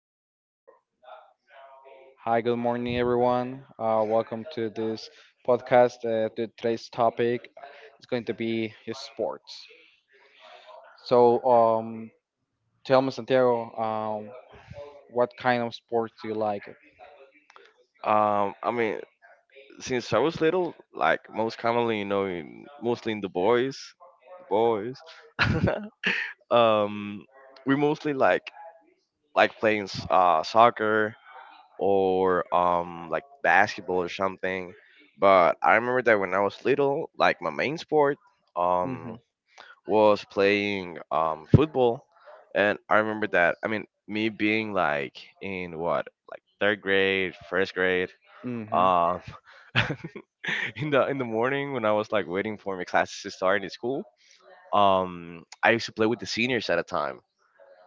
Luis. Hi, good morning, everyone. Welcome to this podcast. To today's topic is going to be your sports. So, tell me, Santiago, what kind of sports do you like? I mean, since I was little, like most commonly, mostly in the boys. um, we mostly like playing soccer or like basketball or something. But I remember that when I was little, like my main sport Mm-hmm. um was playing football, and I remember that I mean me being like in what like third grade, first grade, Mm-hmm. um in the morning when I was like waiting for my classes to start in school, I used to play with the seniors at a time.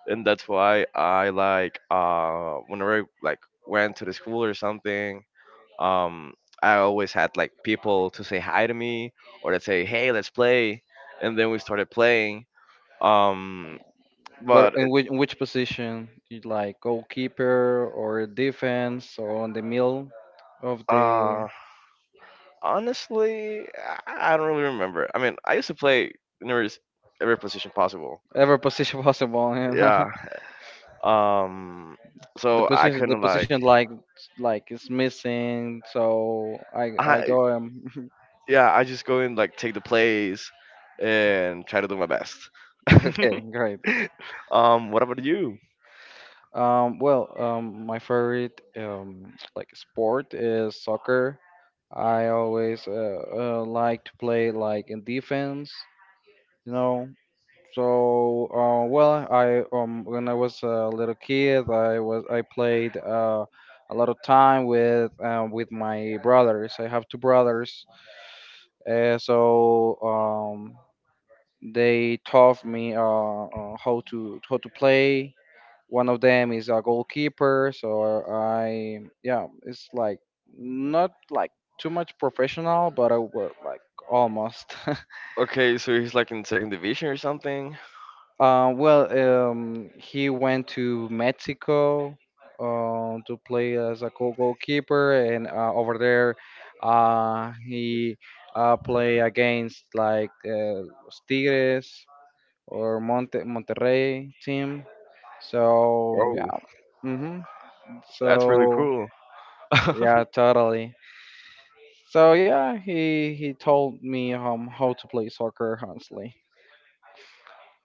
And that's why I like whenever I like went to the school or something, um, I always had like people to say hi to me or to say, "Hey, let's play," and then we started playing. Um, But but in which position do you like, goalkeeper or defense or on the middle of the uh, honestly, I don't really remember. I mean, I used to play nearly every position possible. ever position possible? You know? Yeah. Um, the so I position the couldn't position like, like is missing, so I I, go yeah, I just go and like take the plays and try to do my best. Okay, great. What about you? My favorite like sport is soccer. I always like to play like in defense, you know. So, well, I when I was a little kid, I played a lot of time with my brothers. I have two brothers, so they taught me how to play. One of them is a goalkeeper, so I, yeah, it's like not like too much professional, but I was like almost. Okay, so he's like in second division or something. Uh, well, he went to Mexico to play as a goalkeeper, and over there, he play against like Tigres or Monterrey team. So yeah. Oh. Hmm, That's really so cool. yeah, totally. So yeah, he told me how to play soccer, honestly,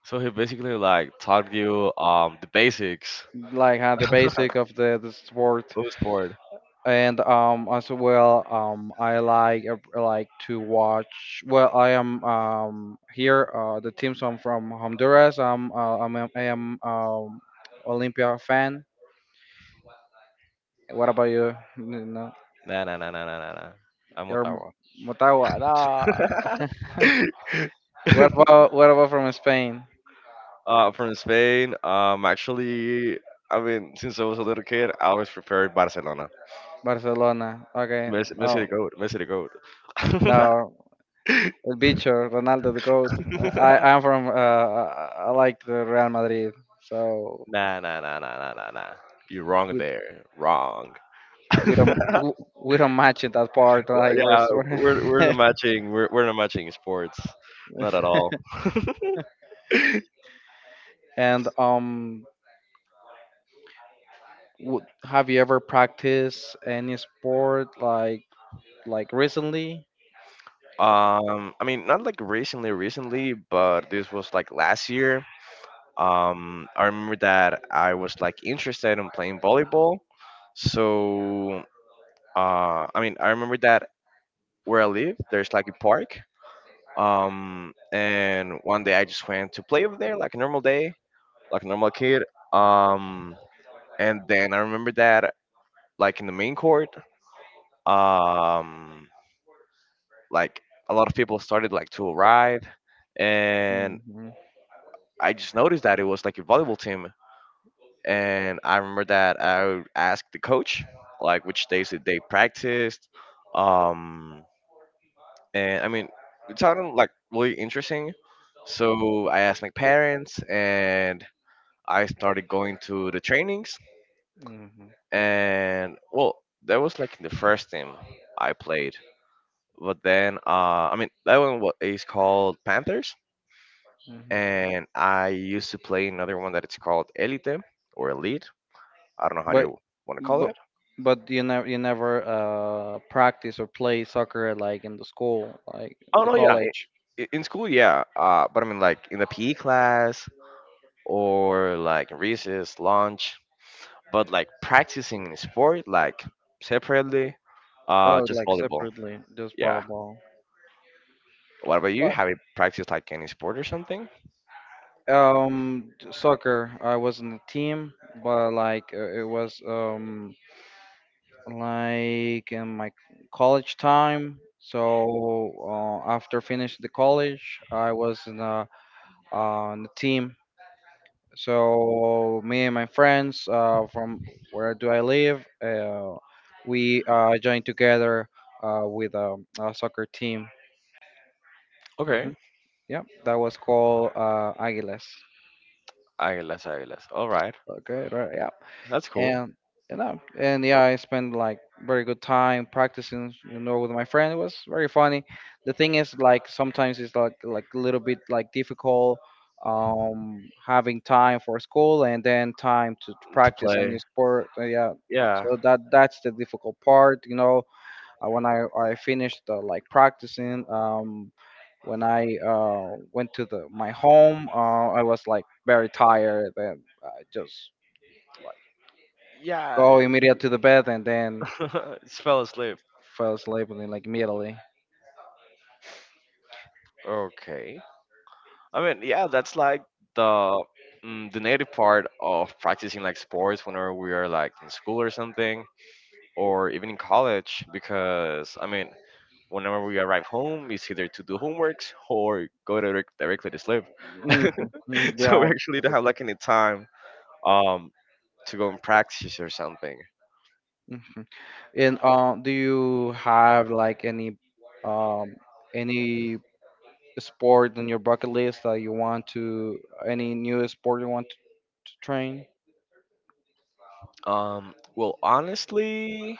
So he basically like taught you the basics. like the basic of the sport. Who's bored? And as well, I like to watch. Well, I am here the teams. I'm from Honduras. I'm a- I am Olympia fan. What about you? No, Nah, nah, nah, nah, nah, nah, nah. I'm you're Ottawa. Motagua. No. What about from Spain? From Spain. Actually, I mean, since I was a little kid, I always preferred Barcelona. Barcelona. Okay. Messi, Messi Oh the goat. Messi the goat. no, El Bicho, Ronaldo the goat. I I like the Real Madrid, so Nah, nah, nah, nah, nah, nah, nah. You're wrong we there. Wrong. we don't w- we don't match it that part Well, like yeah, first. we're not matching. We're not matching sports, not at all. And have you ever practiced any sport like recently? I mean, not like recently, recently, but this was like last year. I remember that I was like interested in playing volleyball. So, I mean, I remember that where I live, there's like a park. And one day I just went to play over there like a normal day, like a normal kid. Um, and then I remember that like in the main court. Um. Like a lot of people started like to arrive, and Hmm. I just noticed that it was like a volleyball team. And I remember that I asked the coach like which days that they practiced, um and I mean, it sounded like really interesting, so I asked my parents and I started going to the trainings. Hmm. And well, that was like the first team I played. But then I mean, that one is called Panthers, Hmm. and I used to play another one that it's called Elite or Elite. I don't know how But you want to call but it. but you never practice or play soccer like in the school, like Oh the no, yeah, college. In school, yeah. But I mean, like in the PE class or like recess, lunch. But like practicing in sport, like separately, Oh, just like volleyball. separately, just Yeah. volleyball. What about you? Well, Have you practiced like any sport or something? Soccer. I was in the team, but like it was like in my college time. So after finishing the college, I was in a team. So me and my friends from where do I live, we joined together with a soccer team. Hmm. Okay. Yep, that was called Aguilas. Águilas, águilas. All right. Okay, right. That's cool And you know, and yeah, I spent like very good time practicing, you know, with my friend. It was very funny. The thing is, like sometimes it's like a little bit like difficult having time for school and then time to to practice a new play. sport. Yeah, Yeah. so that that's the difficult part. You know, when I finished like practicing, when I went to the my home, I was like very tired and I just Yeah. go immediately to the bed and then Just fell asleep. fell asleep and then, like immediately. Okay. I mean, yeah, that's like the the native part of practicing like sports whenever we are like in school or something, or even in college. Because I mean, whenever we arrive home, it's either to do homeworks or go directly to sleep. Mhm, mm. So we Yeah, actually that's don't have like— like any time um to go and practice or something. Mhm. And do you have like um any sport on your bucket list that you want to, any new sport you want to train? Well, honestly,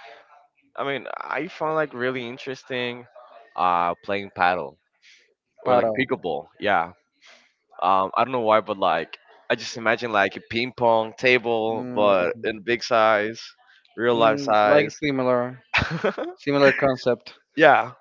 I mean, I found like really interesting playing paddle or like Paddle. pickleball. Yeah. I don't know why, but like I just imagine like a ping pong table, but Mm, in big size, real life mm, like size. similar similar concept. Yeah.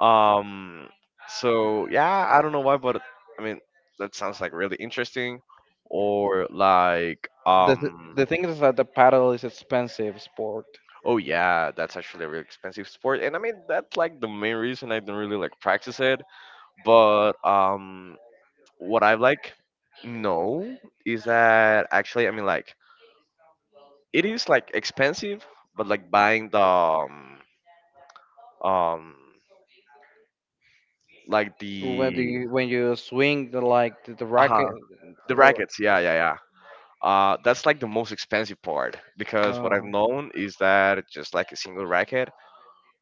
Um. So yeah, I don't know why, but I mean that sounds like really interesting. Or like The th- um. the thing is that the paddle is expensive sport. Oh yeah, that's actually a really expensive sport, and I mean that's like the main reason I don't really like practice it. But what I like know is that actually, I mean, like it is like expensive, but like buying the um like Whether you when you swing the like the racket. uh the rackets, yeah, yeah, yeah. That's like the most expensive part because what I've Uh, known is that just like a single racket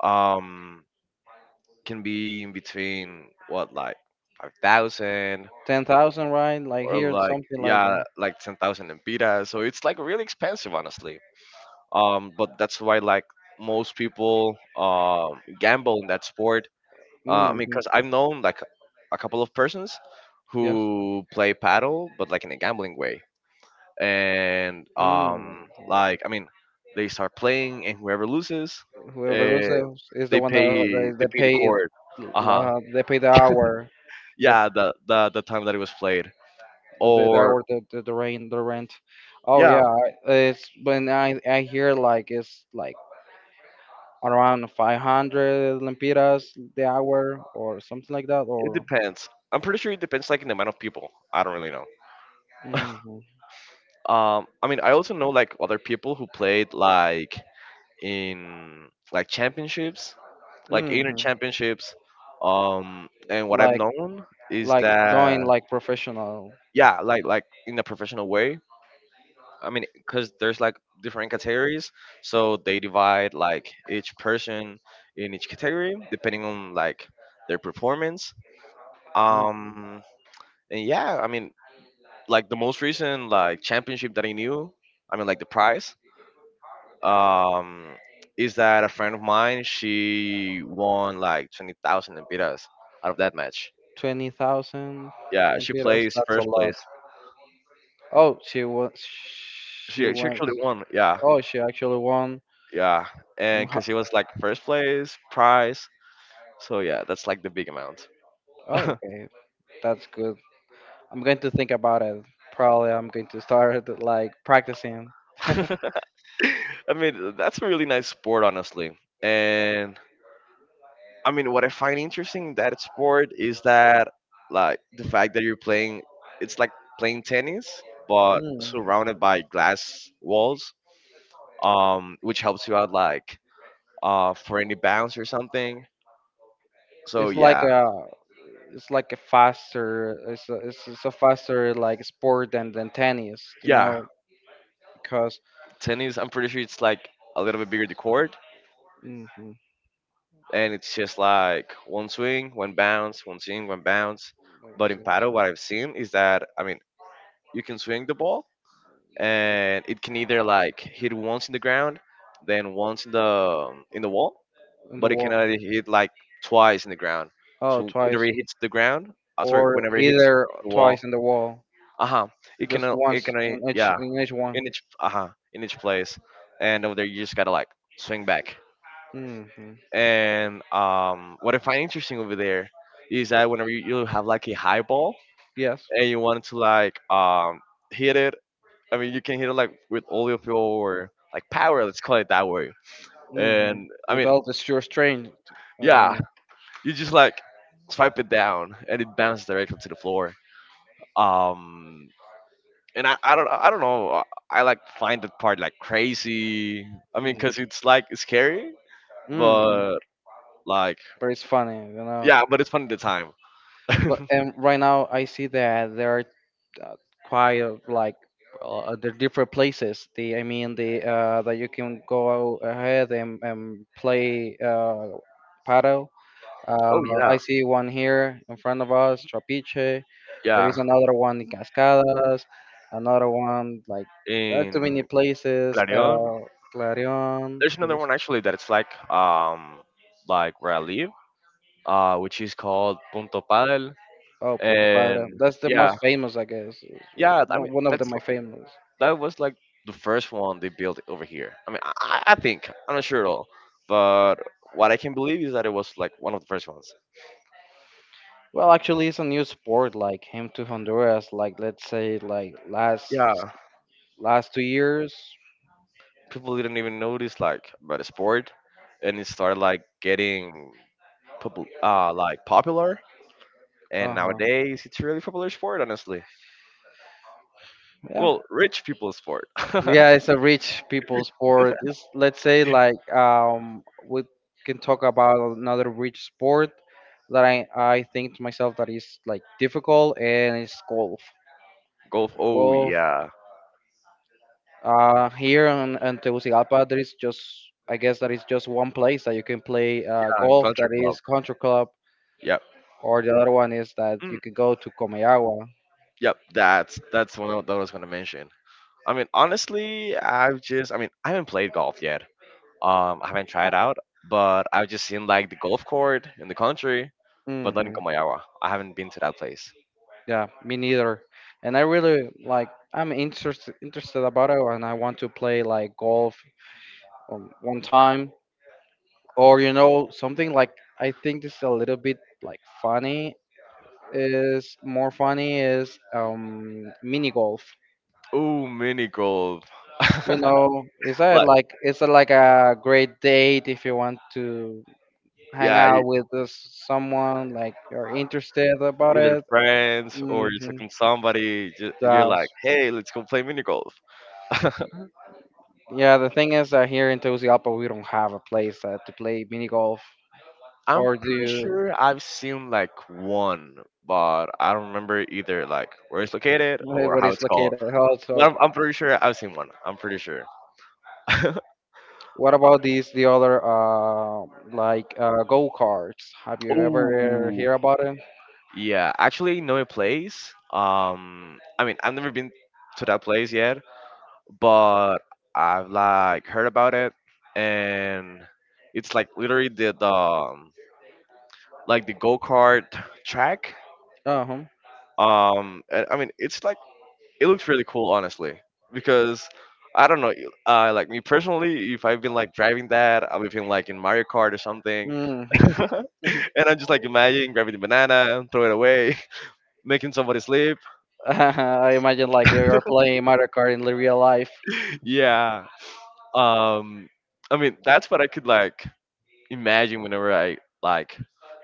um can be in between what like 5,000 10,000, right? Like or here, like, something like yeah, that. like 10,000 lempiras. So it's like really expensive, honestly. But that's why like most people gamble in that sport. I mean, Hmm. because I've known like a couple of persons Yes. who play paddle, but like in a gambling way. And Mm. like I mean, they start playing, and whoever loses, Whoever uh, loses is the they one that pay that, they that pay the paid court. Uh huh. They pay the hour, the Yeah, the time that it was played, the or hour, the rent. Oh yeah, yeah, it's when I hear like it's like around 500 lempiras the hour or something like that it or depends. I'm pretty sure it depends like in the amount of people. I don't really know. hmm I mean, I also know like other people who played like in like championships, like eight hmm championships. And what I've like known is like that, going like professional. yeah, like in a professional way. I mean, because there's like different categories, so they divide like each person in each category depending on like their performance. Mm, Um, and yeah, I mean, like the most recent like championship that I knew, I mean, like the prize. Um, is that a friend of mine? She won like 20,000 empiras out of that match. 20,000 Yeah, she lempiras, plays that's a first lot. place. Oh, she was, she She went, actually won. Yeah, oh, she actually won. yeah, And and ho- because it was like first place prize. So yeah, that's like the big amount. oh, okay, that's good. I'm going to think about it. Probably I'm going to start like practicing. I mean, that's a really nice sport, honestly. And I mean, what I find interesting in that sport is that like the fact that you're playing, it's like playing tennis, but Mm, surrounded by glass walls, which helps you out like for any bounce or something. So it's like yeah, a it's like a faster, it's a faster like sport than tennis, you yeah, know, because tennis, I'm pretty sure it's like a little bit bigger the court, hmm and it's just like one swing, one bounce, one swing, one bounce. wait, But what's in this paddle, one? what I've seen is that, I mean, you can swing the ball, and it can either like hit once in the ground, then once in the wall, In the but it can only wall. hit like twice in the ground. Oh, So whenever twice it hits the ground, sorry, or whenever it hits either the twice wall, in the wall, uh huh, it can just once only, yeah, in each one. in each, uh huh, in each place, and over there you just gotta like swing back. Hmm. And what I find interesting over there is that whenever you have like a high ball Yes. and you want to like hit it, I mean, you can hit it like with all of your like power, let's call it that way. Hmm. And I mean, Without the sure strain. yeah, Um, you just like swipe it down and it bounces directly to the floor. Um, and I don't know, I like find that part like crazy. I mean, cause it's like scary, mm-hmm. but like, But it's funny, you know. yeah, but it's fun at the time. But and right now I see that there are uh, quite a, like the different places. The I mean the that you can go ahead and play paddle. Oh yeah, I see one here in front of us, Trapiche. There is yeah. another one in Cascadas, another one like there are too many In places. Clarion. Clarion. There's another one actually that it's like where I live, which is called Punto Padel, Oh, Punto Padre. and That's the yeah, most famous, I guess. Yeah. I mean One one of the that's my famous. that was like the first one they built over here. I mean, I think I'm not sure at all, but what I can believe is that it was like one of the first ones. Well, actually, it's a new sport. Like came to Honduras, like let's say, like last Yeah, last 2 years. people didn't even notice like about the sport, and it started like getting like popular. And Uh huh. nowadays, it's a really popular sport, honestly. Well, rich people sport. Yeah, it's a rich people sport. It's, let's say like we can talk about another rich sport that I think to myself that is like difficult, and it's golf. Golf. Oh Golf yeah, here in Tegucigalpa there is just, I guess that is just one place that you can play yeah, and golf, country that club. is country club, Yep. or the other one is that Mm, you can go to Comayagua. yep. That's that I was gonna mention. I mean, honestly, I've just, I mean, I haven't played golf yet. I haven't Uh, tried out, but I've just seen like the golf court in the country, but not in mhm. Comayagua. I haven't been to that place. Yeah, me neither. And I really like I'm interested about it and I want to play like golf one time, or you know, something like I think this is a little bit like funny, is more funny is mini golf. Oh, mini golf. You know, is that Like, like it's a, like a great date if you want to hang yeah, out with someone like you're interested about either it. friends or you're Mhm. talking to somebody. You're Yeah. like, hey, let's go play mini golf. Yeah, the thing is that here in Tegucigalpa we don't have a place to play mini golf, I'm or do pretty you? sure I've seen like one, but I don't remember either like where it's located Where or what how is it's called. located? Also, But I'm pretty sure I've seen one. I'm pretty sure. what about these the other like go karts? Have you ever Oh, hear about it? yeah. Actually, know a place. I mean, I've never been to that place yet, but I've like heard about it, and it's like literally the like the go kart track. Uh huh. And, I mean, it's like it looks really cool, honestly, because I don't know, like me personally, if I've been like driving that, I've been like in Mario Kart or something, Hmm. and I'm just like imagining grabbing the banana, throw it away, making somebody sleep. I imagine like you're playing Mario Kart in the real life. Yeah, um, I mean that's what I could like imagine whenever I like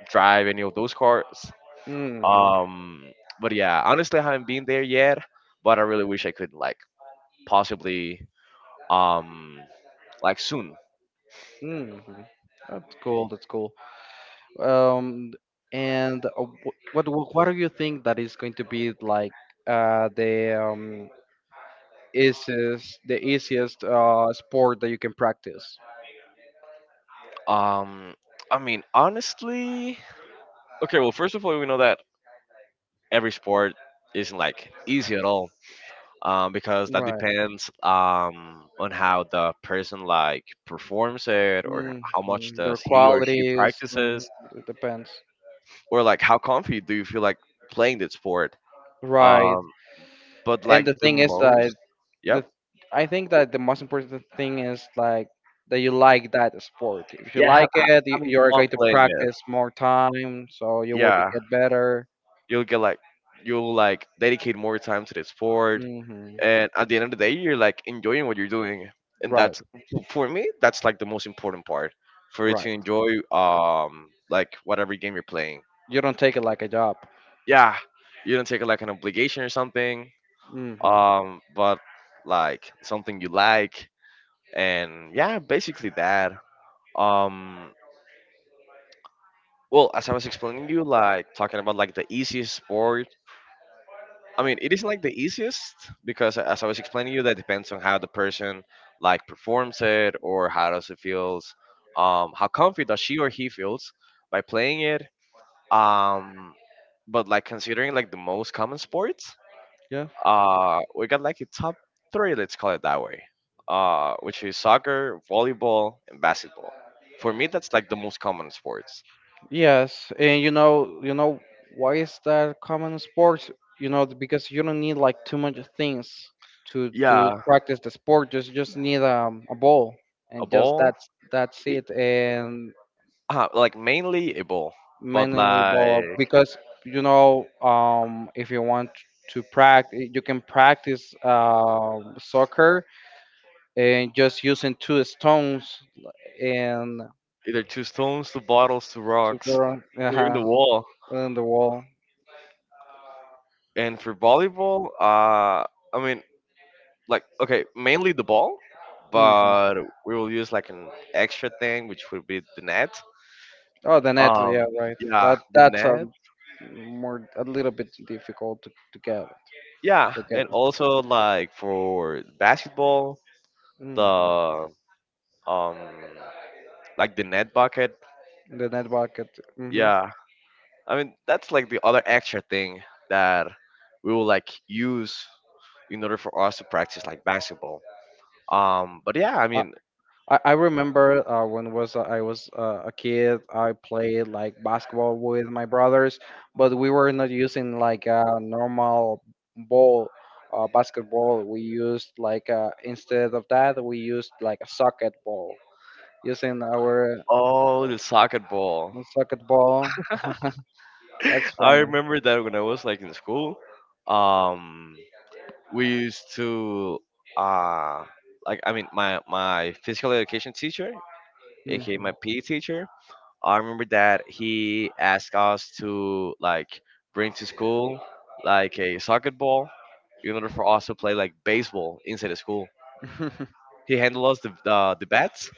drive any of those cars. Mm-hmm. Um, but yeah, honestly, I haven't been there yet, but I really wish I could like possibly um like soon. Mm-hmm. That's cool. That's cool. Um, and what do you think that is going to be like the easiest sport that you can practice. Um, I mean, honestly, okay. Well, first of all, we know that every sport isn't like easy at all, because that Right. depends on how the person like performs it, or Hmm. how much Their does he or she qualities mm, practices, it depends. or like how comfy do you feel like playing that sport. Right. Um, but And like the the thing is that most, the yep, I think that the most important thing is like that you like that sport. If you yeah, like it, you, having you're fun going to playing practice it, more time, so you will be yeah, get better. you'll get like you'll like dedicate more time to the sport, Hmm. and at the end of the day you're like enjoying what you're doing, and Right. that's for me that's like the most important part for you to Right. enjoy like whatever game you're playing. You don't take it like a job. Yeah, you don't take it like an obligation or something, Hmm. But like something you like. And yeah, basically that. Um well, as I was explaining you, like talking about like the easiest sport. I mean, it isn't like the easiest because, as I was explaining you, that depends on how the person like performs it or how does it feels, how comfy does she or he feels by playing it. Um, but like considering like the most common sports, we got like a top three, let's call it that way, which is soccer, volleyball, and basketball. For me, that's like the most common sports. Yes, and you know, why is that common in sports? You know, because you don't need like too much things to Yeah, practice the sport. Just need a ball a and just ball, that's i- it. And like mainly a ball, but manually ball like because you know, if you want to practice, you can practice soccer and just using two stones and either to stones, to bottles, to to go rocks, or even uh the wall. on the wall. And for volleyball, I mean, like, okay, mainly the ball, Mm-hmm. but we will use like an extra thing, which would be the net. Oh, the net. Um, Yeah, right. yeah, That the that's a net. more a little bit difficult to get Yeah, to get. and also like for basketball, Hmm. the um, the net bucket. The net bucket. Hmm. Yeah, I mean that's like the other extra thing that we will like use in order for us to practice like basketball. But yeah, I Uh, mean, I remember when was I was a kid. I played like basketball with my brothers, but we were not using like a normal ball. Basketball. We used like instead of that, we used like a socket ball. Using our oh, the socket ball. socket ball. That's I funny. remember that when I was like in school, um, we used to, uh, like I mean, my physical education teacher, aka my Hmm. PE teacher. I remember that he asked us to like bring to school like a socket ball in order for us to play like baseball inside the school. He handed us the bats,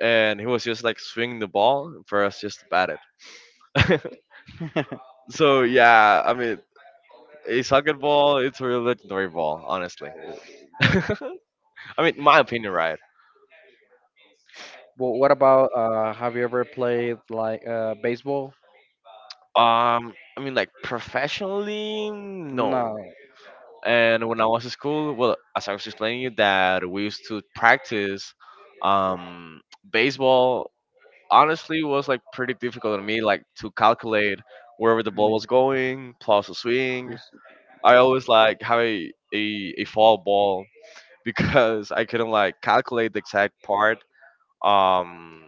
and he was just like swinging the ball for us just to bat it. So yeah, I mean, a soccer ball, it's a real legendary ball, honestly. I mean, my opinion, right? Well, what about have you ever played like baseball? I mean, like professionally, no. No. And when I was in school, well, as I was explaining you, that we used to practice um, baseball. Honestly, was like pretty difficult on me, like to calculate wherever the ball was Mm. going plus a swing. Yes. I always like have a fall ball because I couldn't like calculate the exact part, um,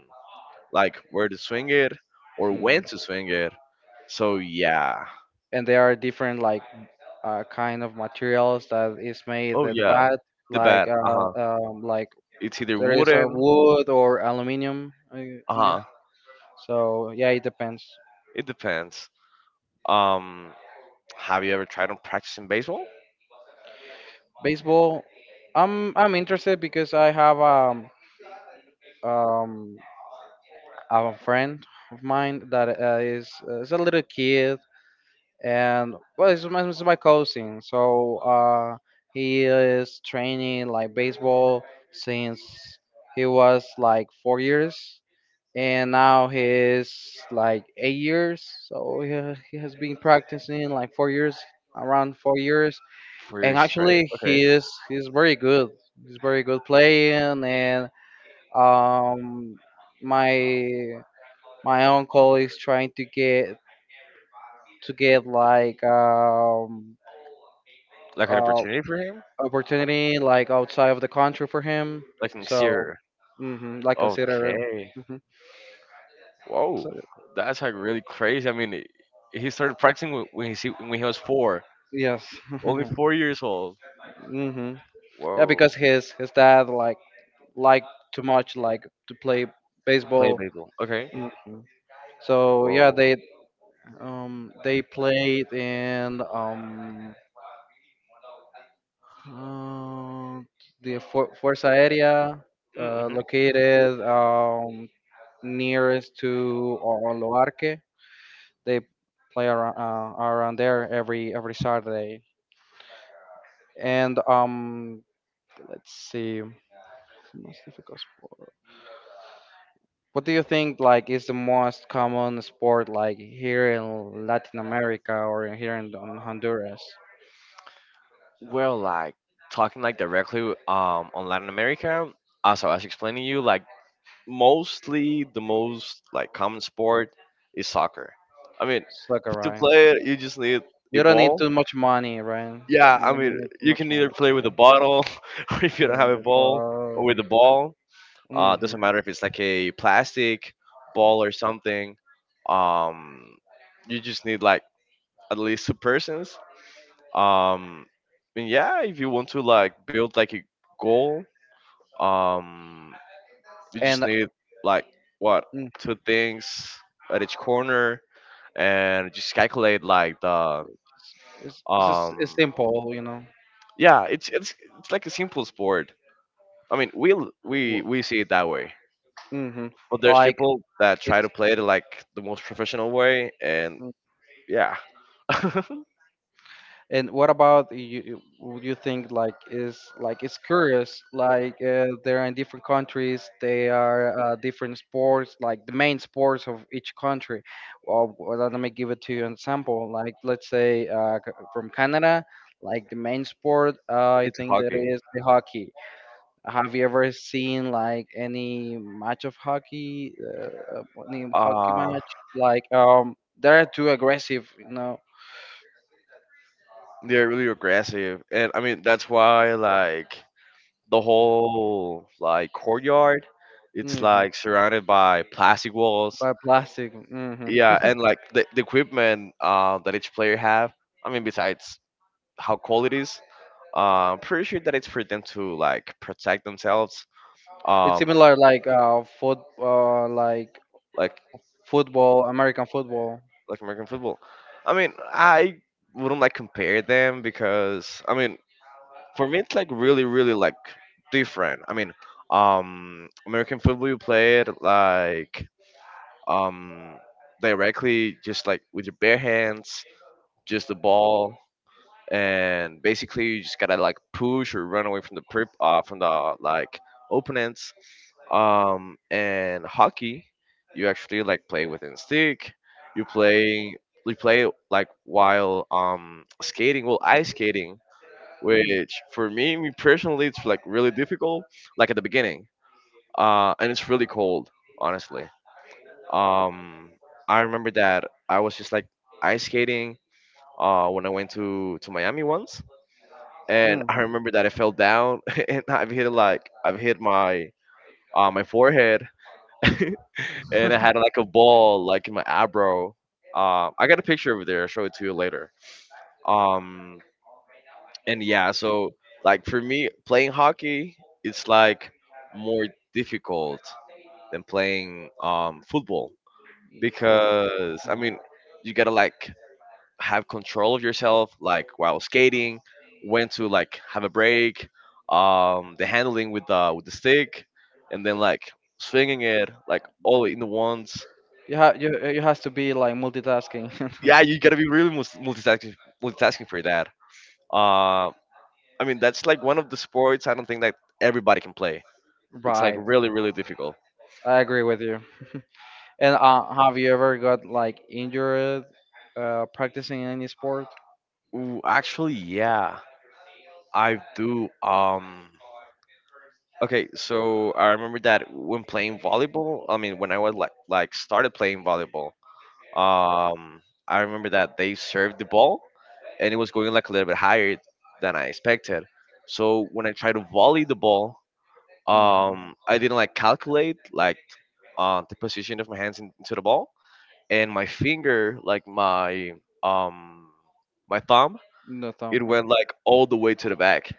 like where to swing it or when Mm. to swing it. So yeah. And there are different like kind of materials that is made Oh at the yeah. bat, The bat. Uh huh. Like It's either there is a wooden. wood or aluminum. Uh Again. huh. So yeah, it depends. It depends. Um, have you ever tried on practicing baseball? Baseball, I'm interested because I have um a friend of mine that is a little kid, and well, it's it's my cousin. So he is training like baseball since he was like 4 years, and now he is like 8 years. So he has been practicing like 4 years, around 4 years, Career and straight. actually Okay. He's very good. He's very good playing, and um, my my uncle is trying to get like Like an uh, opportunity for him. opportunity like outside of the country for him. Like next So, year. hmm, like consider. Okay. Mhm. So, Whoa. That's like really crazy. I mean, he started practicing when when he was 4, yes. only 4 years old. Hmm. Yeah, Whoa. because his dad like liked too much like to play Play baseball. baseball. Okay. Mhm. So yeah, Whoa. They played in uh, Forza area Hmm. located nearest to Loarque. They play around around there every Saturday. And let's see, most difficult sport. What do you think like is the most common sport like here in Latin America or here in on Honduras? Well, like talking like directly on Latin America, as I was explaining you, like mostly the most like common sport is soccer. I mean, Soccer, to right? play it, you just need a You don't need ball. too much money, right? Yeah, I You don't mean, need too you much can money either to play with play. a bottle, or if you don't have a ball, or Handball. with a ball. Doesn't Mhm. matter if it's like a plastic ball or something. Um, you just need like at least two persons, um and yeah, if you want to like build like a goal, um you just And need like what, mm, two things at each corner, and just calculate like the, it's um simple, you know. yeah, it's it's like a simple sport. I mean, we see it that way, Mm-hmm. but there's Like. people that try to play it like the most professional way, and yeah. It's And what about you? Would you think like is like it's curious? Like they're in different countries, they are different sports, like the main sports of each country. Well, let me give it to you an example. Like let's say from Canada, like the main sport, I think that hockey. is the hockey. Have you ever seen like any match of hockey, any hockey uh match? Like they're too aggressive, you know. they're really aggressive, and I mean that's why like the whole like courtyard it's Mm-hmm. like surrounded by plastic walls. By plastic. Hmm. Yeah, and like the equipment that each player have, I mean besides how cold it is, I'm pretty sure that it's for them to like protect themselves, It's um similar like foot like like football, American football. like American football. I mean, I wouldn't like compare them, because I mean for me it's like really really like different. I mean, American football you play it like, um, directly, just like with your bare hands, just the ball, and basically you just gotta like push or run away from the prep from the like opponents. And hockey, you actually like play within stick. You play you play like while skating, well, ice skating, Mm. which for me, me personally, it's like really difficult, like at the beginning. And it's really cold, honestly. Um, I remember that I was just like ice skating when I went to Miami once, and I Hmm. remember that I fell down and I've hit my forehead and I had like a ball like in my eyebrow. I got a picture over there. I'll show it to you later. Um, and yeah, so like for me, playing hockey it's like more difficult than playing football, Football. because I mean Mhm. you gotta like have control of yourself, like while skating, when to like have a break, the handling with the stick, and then like swinging it like all in the once. You have you you has to be like multitasking. Yeah, you gotta be really multitasking for that. Uh, I mean that's like one of the sports I don't think that everybody can play. It's like Right. really really difficult. I agree with you. And have you ever got like injured practicing any sport? Ooh, actually, yeah, I do. Okay, so I remember that when playing volleyball. I mean, when I was like started playing volleyball, Um, I remember that they served the ball and it was going like a little bit higher than I expected. So when I tried to volley the ball, Hmm. I didn't like calculate like, the position of my hands into the ball, and my finger, like my um my thumb, No thumb. it went like all the way to the back.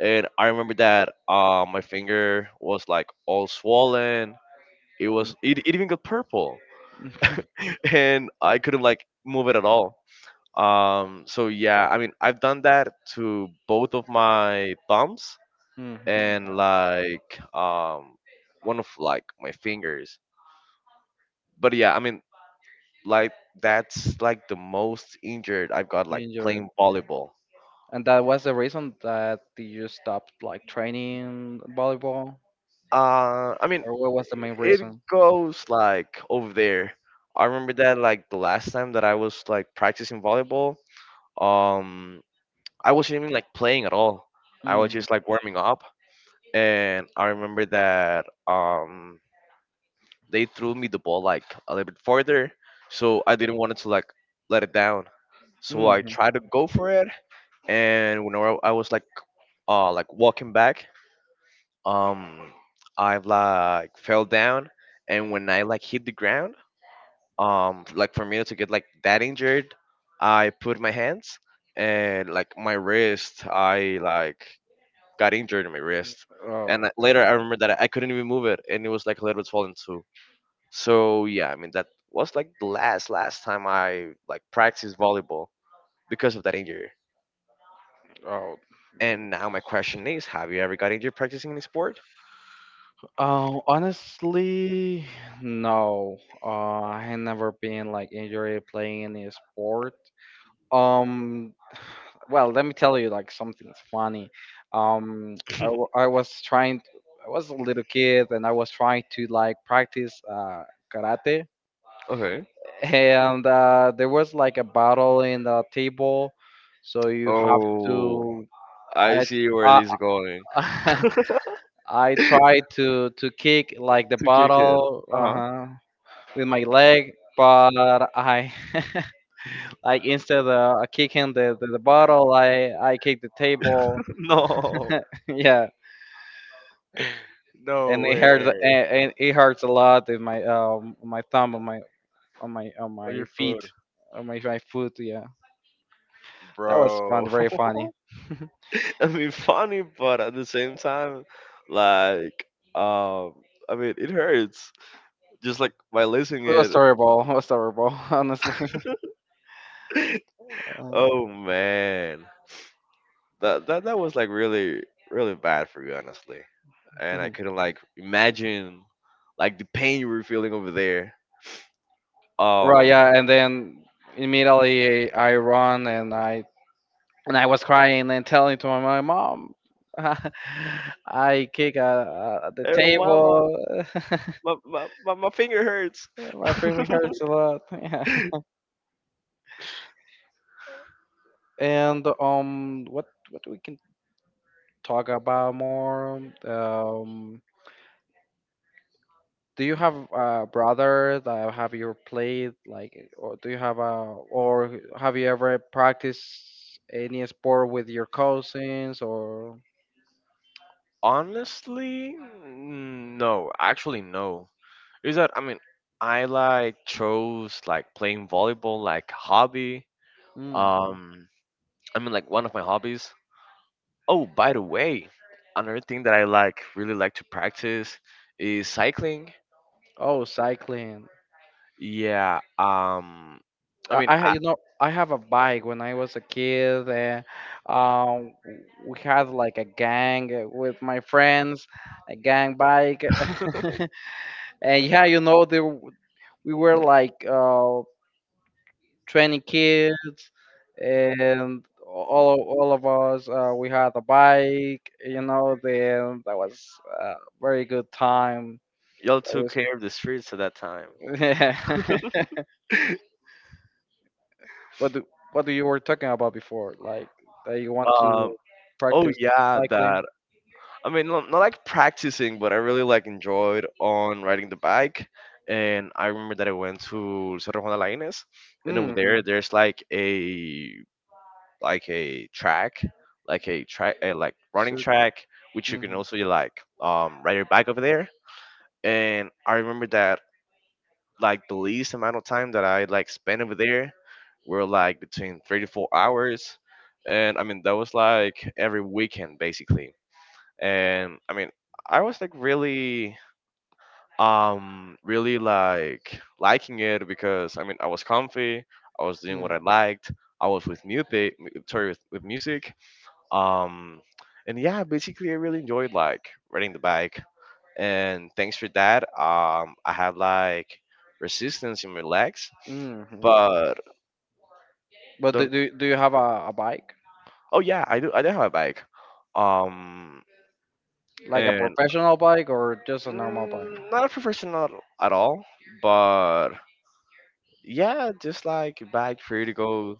And I remember that my finger was like all swollen. It even got purple and I couldn't like move it at all. So yeah, I mean, I've done that to both of my thumbs Mm-hmm. and like one of like my fingers. But yeah, I mean, like that's like the most injured I've got like Injured. playing volleyball. And that was the reason that you stopped like training volleyball, I mean, or what was the main it reason? goes like over there. I remember that like the last time that I was like practicing volleyball, um, I wasn't even like playing at all. I was Hmm. just like warming up, and I remember that they threw me the ball like a little bit further, so I didn't want to like let it down. So I Hmm. tried to go for it, and whenever I was like walking back, um, I've like fell down, and when I like hit the ground, like for me not to get like that injured, I put my hands and like my wrist, I like got injured in my wrist. Oh, Later, I God. remember that I couldn't even move it, and it was like a little bit swollen, so yeah, I mean that was like the last time I like practiced volleyball because of that injury. Oh, And now my question is, have you ever got injured practicing any sport? oh, honestly, no. Uh, I had never been like injured playing any sport. Um, well, let me tell you like something funny. Um, I was trying. I was a little kid and I was trying to like practice karate Okay. and there was like a battle in the table, so you have Oh, to. I I see where this is going. uh, I To tried to kick like the kick it. bottle Uh huh. With my leg, but I like instead of kicking the the bottle, I kicked the table. No, Yeah, no and it way. hurt and it hurts a lot in my my thumb on my on Oh, my your feet foot, on my my foot. Yeah, that was fun, bro. very funny. I mean, funny, but at the same time, like, um, I mean, it hurts. Just like by losing It was it. terrible. It was terrible, honestly. Uh, Oh man. That was like really really bad for you, honestly, and I couldn't like imagine like the pain you were feeling over there, right, um yeah, and then immediately I run and I was crying and telling to my mom, "Mom, I kick at the hey mama, table. my finger hurts. My feeling hurts a lot." Yeah. And what we can talk about more? Um, do you have a brother that have you played like or do you have a or have you ever practiced any sport with your cousins or Honestly, mm, no, actually, no, is that I mean I like chose like playing volleyball like hobby, Mhm. um I mean like one of my hobbies. Oh, by the way, another thing that I like really like to practice is cycling. Oh, cycling. Yeah. I mean, I, You know I have a bike when I was a kid and um we had like a gang with my friends, a gang bike. And yeah, you know we were like 20 kids, and all of us we had a bike, you know, then that was a very good time. y'all That took was care of the streets at that time. yeah. what do, what do you were talking about before like that you want Um. to Oh practice yeah, cycling. that. I mean, not like practicing, but I really like enjoyed on riding the bike. And I remember that I went to Cerro Juan de la Inés, and over there, Mm-hmm. there's like a like a track, like a track, a like running Circuit. track, which you can Mm-hmm. also like ride your bike over there. And I remember that like the least amount of time that I like spent over there were like between 3 to 4 hours, and I mean that was like every weekend basically. And I mean I was like really really like liking it because I mean I was comfy, I was doing Mm-hmm. what I liked, I was with music, sorry with music, um, and yeah, basically I really enjoyed like riding the bike and thanks for that. I have like resistance in my legs, Mm-hmm. but But don't. do, do you have a bike Oh yeah, I do. I do have a bike. Um, like a and professional bike or just a normal bike? Not a professional at all, but yeah, just like bike for you to go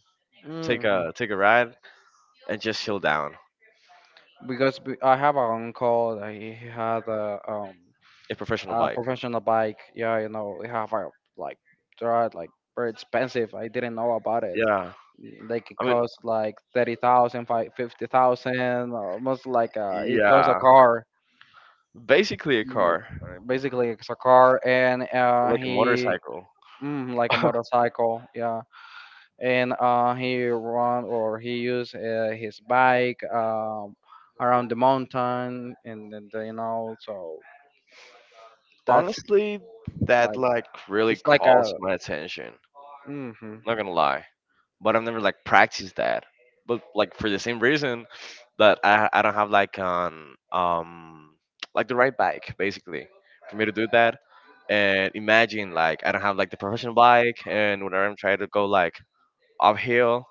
Hmm. Take a ride and just chill down. Because I have an uncle that he had A professional a bike. professional bike. Yeah, you know, they have a like they're like very expensive. I didn't know about it. Yeah, They can I mean, cost like 30,000, 50,000, almost like it costs a yeah, car. basically a Mm, car, basically, it's a car, and like a he motorcycle. mm, like a motorcycle. Yeah, and he run or he used his bike around the mountain and then you know, so that's Honestly, that like like really it's like calls a my attention. mm-hmm, Not gonna lie, but I've never like practiced that. But like for the same reason that I don't have like an like the right bike basically for me to do that. And imagine like I don't have like the professional bike, and whenever I'm trying to go like uphill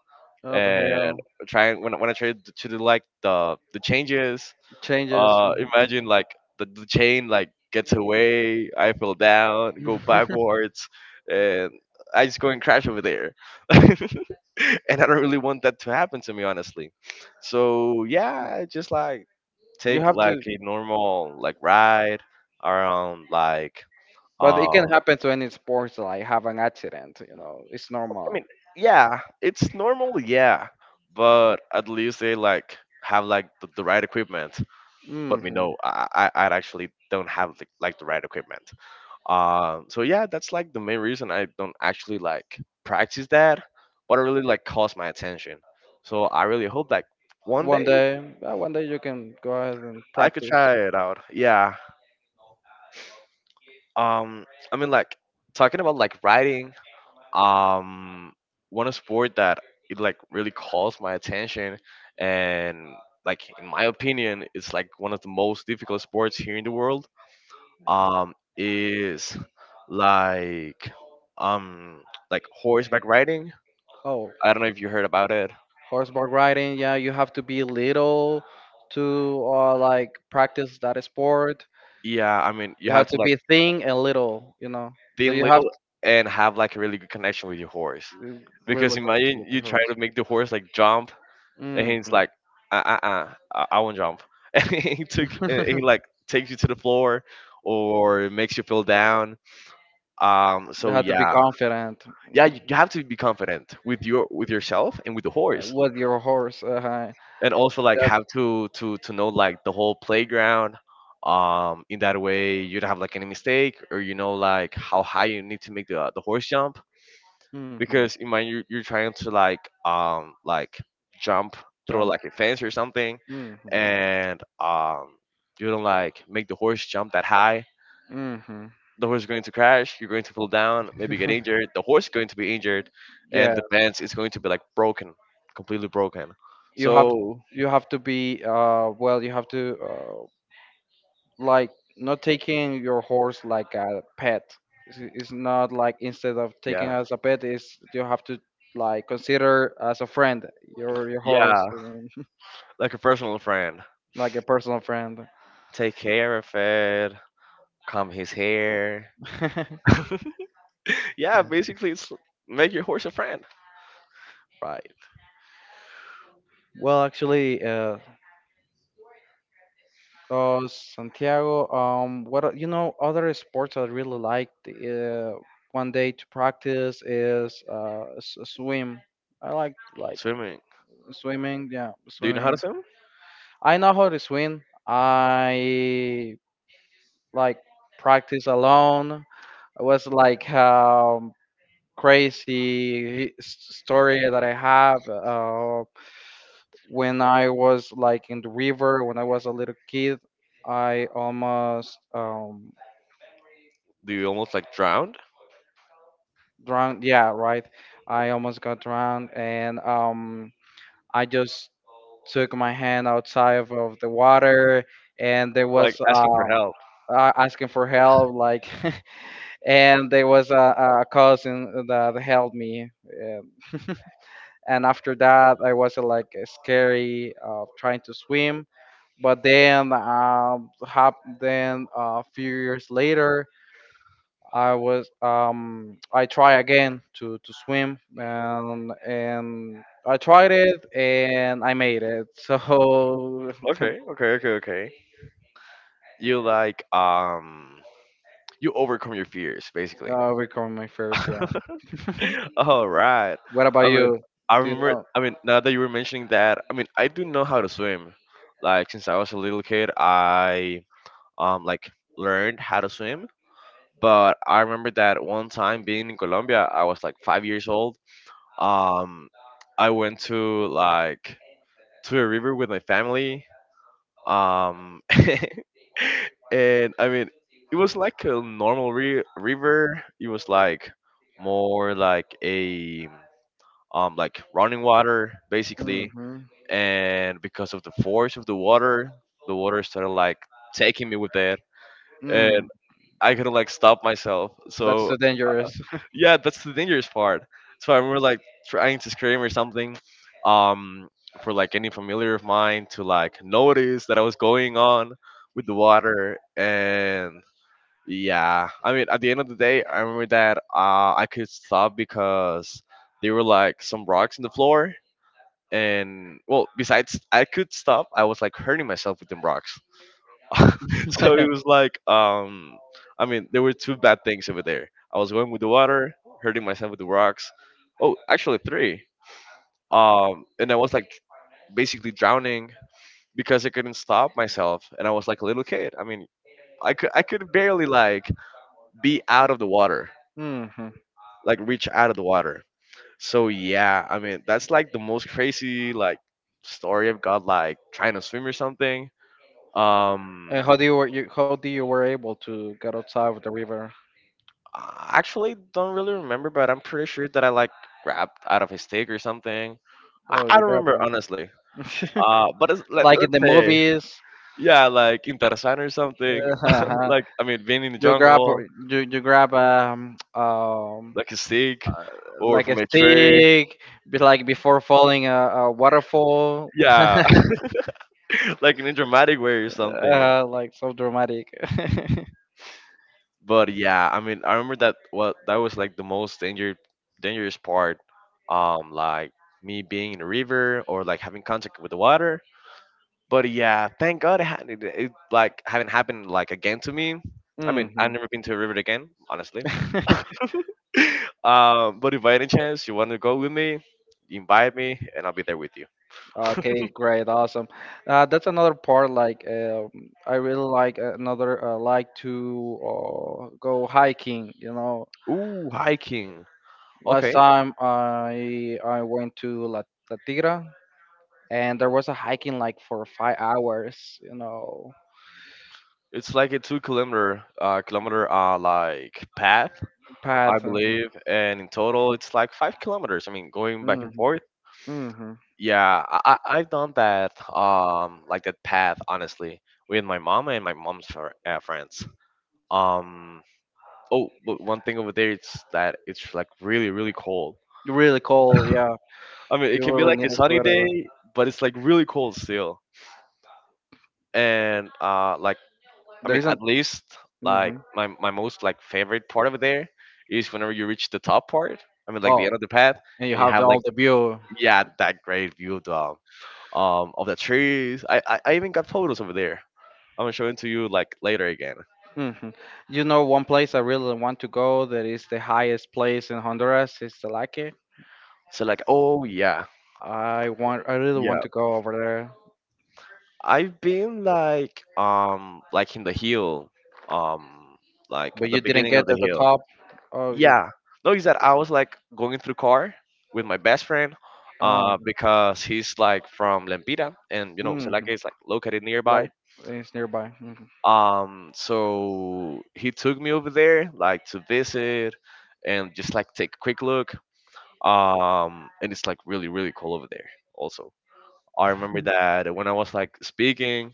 and uphill when I try to do like the changes, changes mhm. imagine like the chain like gets away. I fell down, go backwards, and I just go and crash over there. And I don't really want that to happen to me, honestly. So yeah, I just like You take have like to, a normal like ride around like but it can um. happen to any sports like have an accident, you know, it's I normal. mean, yeah, it's normal, yeah, but at least they like have like the right equipment. But we Hmm. know I actually don't have the, like the right equipment. So yeah, that's like the main reason I don't actually like practice that, but it really like calls my attention. So I really hope like one One day day one day you can go ahead and I could practice. try it out. Yeah. Um, I mean like talking about like writing, um, one sport that it like really calls my attention and like in my opinion, it's like one of the most difficult sports here in the world. Is like um horseback riding. Oh, I don't know if you heard about it. horseback riding, yeah. You have to be little to like practice that sport. Yeah, I mean, you You have have to to like be thin and little, you know. Like, think you have little to and have like a really good connection with your horse. Because really connection imagine with the you try horse. to make the horse like jump, and Hmm. he's like, uh uh uh, I won't jump. And he took, and he like takes you to the floor, or makes you feel down. Um, You so have to be yeah, confident yeah, you have to be confident with yourself and with the horse. with your horse And also like that have to know like the whole playground in that way you don't have like any mistake, or you know like how high you need to make the horse jump hmm because in mind you're trying to like jump through jump like a fence or something, hmm and you don't like make the horse jump that high, hmm the horse is going to crash, you're going to fall down, maybe get injured, the horse is going to be injured, yeah. and the fence is going to be like broken, completely broken. You have So to be you have to like not taking your horse like a pet. It's not like instead of taking yeah, as a pet, is you have to like consider as a friend your yeah, horse and like a personal friend. like a personal friend. Take care of it, comb his hair. Yeah, basically, it's make your horse a friend. Right. Well, actually, Santiago, what are- you know, other sports I really like one day to practice is swim. I like Swimming. swimming. Yeah, Do you know how to swimming. swim? I know how to swim. I like practice alone. It was like crazy story that I have when I was like in the river when I was a little kid. I almost Do you almost like drown? drowned. Yeah, right. I almost got drowned, and I just took my hand outside of the water, and there Like was asking for help. Asking for help, like. And there was a cousin that helped me um, and after that I was like scary of trying to swim but then then a few years later I was I try again to swim and I tried it and I made it. So Okay, okay, okay, okay. You like you overcome your fears basically. We come my first, yeah. All right. What about I mean, you? I Do remember. you I mean, now that you were mentioning that, I mean, I do know how to swim. Like since I was a little kid, I um like learned how to swim. But I remember that one time being in Colombia, I was like 5 years old. Um, I went to to a river with my family. Um, and I mean, it was like a normal ri river. It was like more like a running water know? basically. Hmm. And because of the force of the water started like taking me with it, Mm, and I couldn't like stop myself. that's So too dangerous. yeah, that's the dangerous part. So I remember like trying to scream or something, um, for like any familiar of mine to like notice that I was going on with the water, and yeah, I mean at the end of the day, I remember that I could stop because there were like some rocks in the floor, and well, besides I could stop, I was like hurting myself with them rocks. So it was like I mean there were two bad things over there: I was going with the water, hurting myself with the rocks, oh actually three, and I was like basically drowning because I couldn't stop myself, and I was like a little kid. I mean, I could barely like be out of the water, Hmm. like reach out of the water. So yeah, I mean that's like the most crazy like story I've got like trying to swim or something. um And how do you, how do you were able to get outside with the river? I actually don't really remember, but I'm pretty sure that I like grabbed out of his stick or something. I, Oh, I you don't grab remember honestly. it. But it's, Like in let's the say, movies. yeah, like in Tarzan or something. Uh-huh. Like I mean, being in the You grab jungle, you grab like a stick, or like a from a tree. stick, be like before falling a waterfall. Yeah, like in a dramatic way or something. Uh, like so dramatic. But yeah, I mean, I remember that what that was like the most dangerous part. Like me being in a river or like having contact with the water. But yeah, thank God it, it, it like haven't happened like again to me. I mean, I've Hmm. never been to a river again, honestly. But if by any chance you want to go with me, invite me, and I'll be there with you. Okay, great, awesome. That's another part. Like, I really like another like to go hiking. You know, Ooh, hiking. last Okay, time I went to La, La Tigra, and there was a hiking like for 5 hours, you know, it's like a 2 kilometer, kilometer, like path, I path. believe, and in total it's like 5 kilometers. I mean, going back and Mm-hmm. forth. Hmm. Hmm. Yeah, I've done that, like that path, honestly, with my mom and my mom's friends. Um, Oh, but one thing over there, it's that it's like really, really cold. Really cold, yeah. I mean, it You can be really like need a a sunny day, sweater. but it's like really cold still. And I There mean, at least like Mm-hmm. My most like favorite part over there is whenever you reach the top part. I mean, like the Oh, end of the path, and you and you have have all like the view. yeah, that great view of the trees. I even got photos over there. I'm gonna show it to you like later again. Hmm. You know, one place I really want to go that is the highest place in Honduras is Telake. So like, oh yeah. I want, I really Yeah. want to go over there, I've been like in the hill, um like but at the you didn't beginning of get the at the hill. top. Oh, you, Yeah. No, is that I was like going through car with my best friend, oh. Because he's like from Lempira and you know Celaca Mm. is like located nearby. Like it's nearby. Mhm. So he took me over there like to visit and just like take a quick look. And it's like really really cool over there also. I remember that when I was like speaking,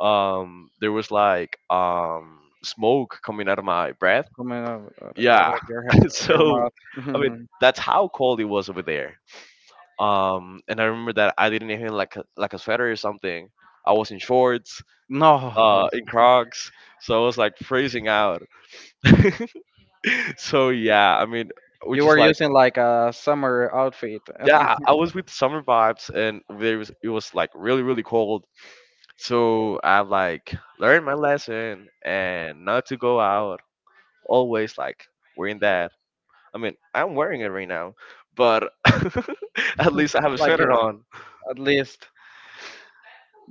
there was like smoke coming out of my breath. Coming out, out, out of Yeah. your of your So, mouth. I mean, Mhm. that's how cold it was over there. And I remember that I didn't even like like a sweater or something. I was in shorts, No, in Crocs, so I was like freezing out. So yeah, I mean, we you just were like using like a summer outfit. yeah, I was with summer vibes, and there was it was like really really cold. So I've like learned my lesson and not to go out. Always like wearing that. I mean, I'm wearing it right now, but at least I have a Like sweater on. at least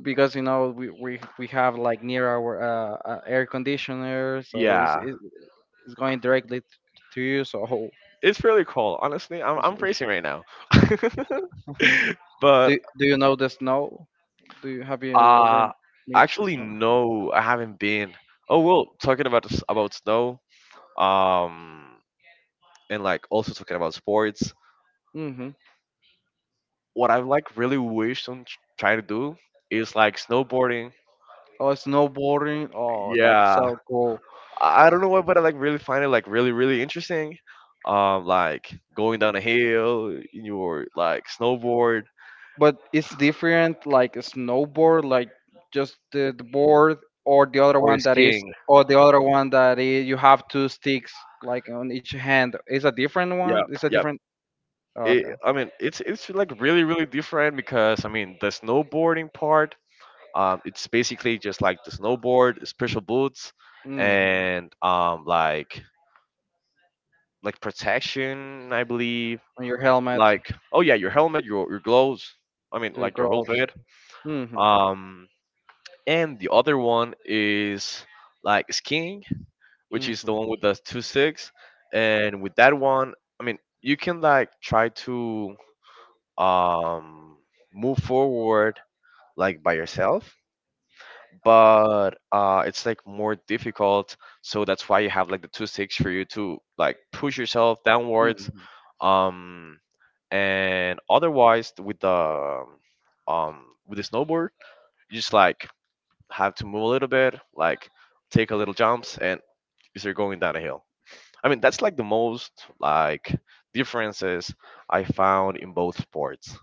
because you know we have like near our air conditioner, so Yeah, it's- going directly to you. So it's really cold. Honestly, it's- I'm it's- freezing right now. do But do you know the snow? Do you have you ever uh, meet the actually, snow? no, I haven't been. Oh well, talking about about snow. Um, and like also talking about sports. Hmm. What I've like really wished on trying to do is like snowboarding. Oh, snowboarding. Oh, that's Yeah, so cool. I don't know why, but I like really find it like really really interesting. Like going down a hill, in your like snowboard But it's different like a snowboard like just the board or the other or one that is skiing. or the other one that is you have two sticks like on each hand. It's a different Yep, one, it's a yep. different. Oh, It, okay. I mean, it's like really really different because I mean the snowboarding part. It's basically just like the snowboard, special boots, Hmm. and like protection, I believe. On your helmet, Like oh yeah, your helmet, your gloves. I mean your like your whole gloves. kit. Hmm. Um, and the other one is like skiing, which is the Hmm. one with the two sticks. And with that one, I mean, you can like try to um, move forward like by yourself, but it's like more difficult. So that's why you have like the two sticks for you to like push yourself downwards. Hmm. Um, and otherwise, with the snowboard, you just like have to move a little bit, like take a little jumps, and you're going down a hill. I mean, that's like the most like differences I found in both sports.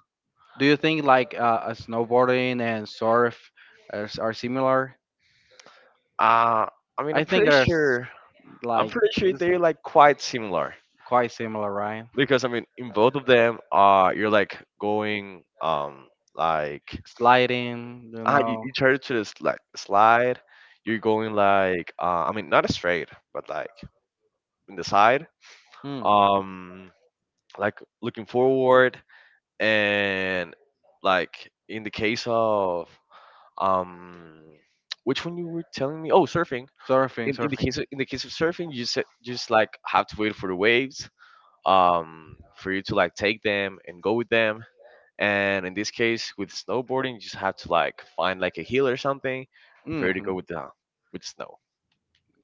Do you think like snowboarding and surf are, are similar? Uh, I mean, I I'm think pretty they're s- sure I'm Like pretty sure it's they're like quite similar quite similar, right? because I mean, in both of them, you're like going like Sliding, you know. you try to this like slide. You're going like I mean not straight, but like in the side. Hmm. Um, like looking forward and like in the case of um which one you were telling me, oh, surfing Surfing, in the surfing. case of, in the case of surfing you just like have to wait for the waves for you to like take them and go with them, and in this case with snowboarding you just have to like find like a hill or something for you to Mm-hmm. go with the with snow.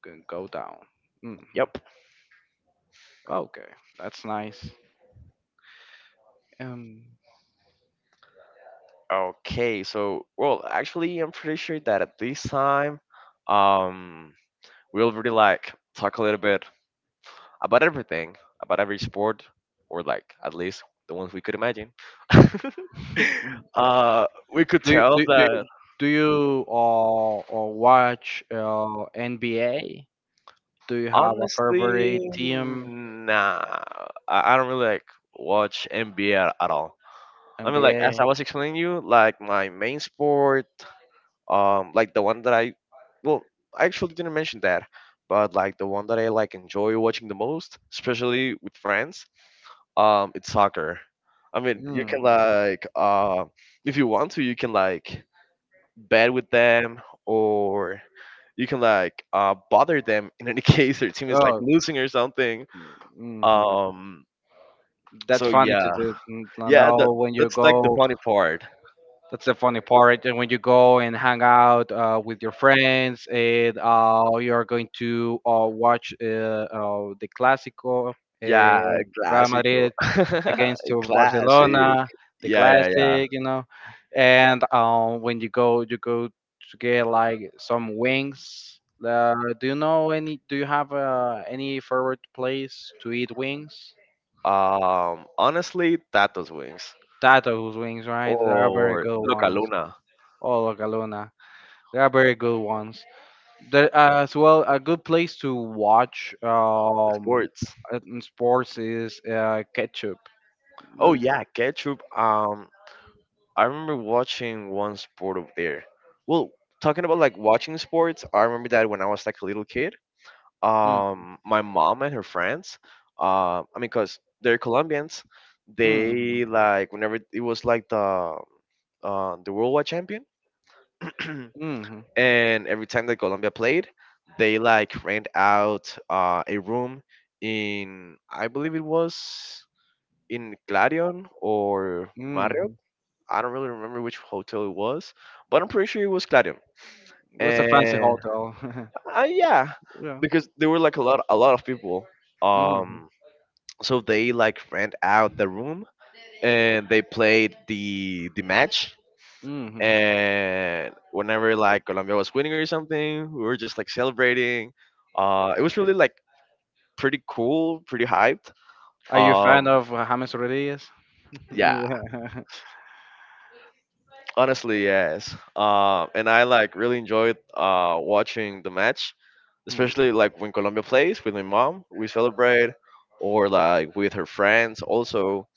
Can go down. Hmm. Yep. Okay, that's nice. Um, Okay, so well actually I'm pretty sure that at this time um we already like talk a little bit about everything, about every sport, or like at least the ones we could imagine. do uh, we could you, tell do, you- do that you- do you or watch NBA? Do you have a honestly, favorite team, nah, I don't really like watch NBA at all. I mean, like as NBA? I was explaining you, like my main sport like the one that well I actually didn't mention that, but like the one that I like enjoy watching the most, especially with friends, it's soccer. I mean you can Hmm. like if you want to you can like bet with them, or you can like bother them in any case their team is like Oh, losing or something. hmm, um that's so funny to yeah do. Mm, to yeah that know when you that's like the go. funny part. That's the funny part. And when you go and hang out with your friends, and you are going to watch the Clásico, Yeah, uh, Real classical. Madrid against to Classic. Barcelona, the Yeah, yeah, yeah. Classic, you know. And when you go to get like some wings. Uh, do you know any? Do you have any favorite place to eat wings? Honestly, Tato's wings Tato's wings, right? They are very or good Luca ones. Luna Oh, La Galuna. They are very good ones. There as well a good place to watch sports. In sports is ketchup. Oh That- yeah, ketchup. I remember watching one sport over there. Well, talking about like watching sports, I remember that when I was like a little kid. mm, My mom and her friends. I mean, cause they're Colombians. mm, They like whenever it was like the worldwide champion. mm, And every time that Colombia played, they like rent out a room in I believe it was in Clarion or Marriott. mm. I don't really remember which hotel it was, but I'm pretty sure it was Clarion. What's a fancy And hotel? Yeah, Yeah. because there were like a lot of people. Mm, Um, so they like rent out the room and they played the match, mm. and whenever like Colombia was winning or something, we were just like celebrating. It was really like pretty cool, pretty hyped. Are you a fan Um, of James Rodriguez? yeah, Yeah. honestly, yes. And I like really enjoyed watching the match, Mm. especially like when Colombia plays with my mom. We celebrate, or like with her friends. Also,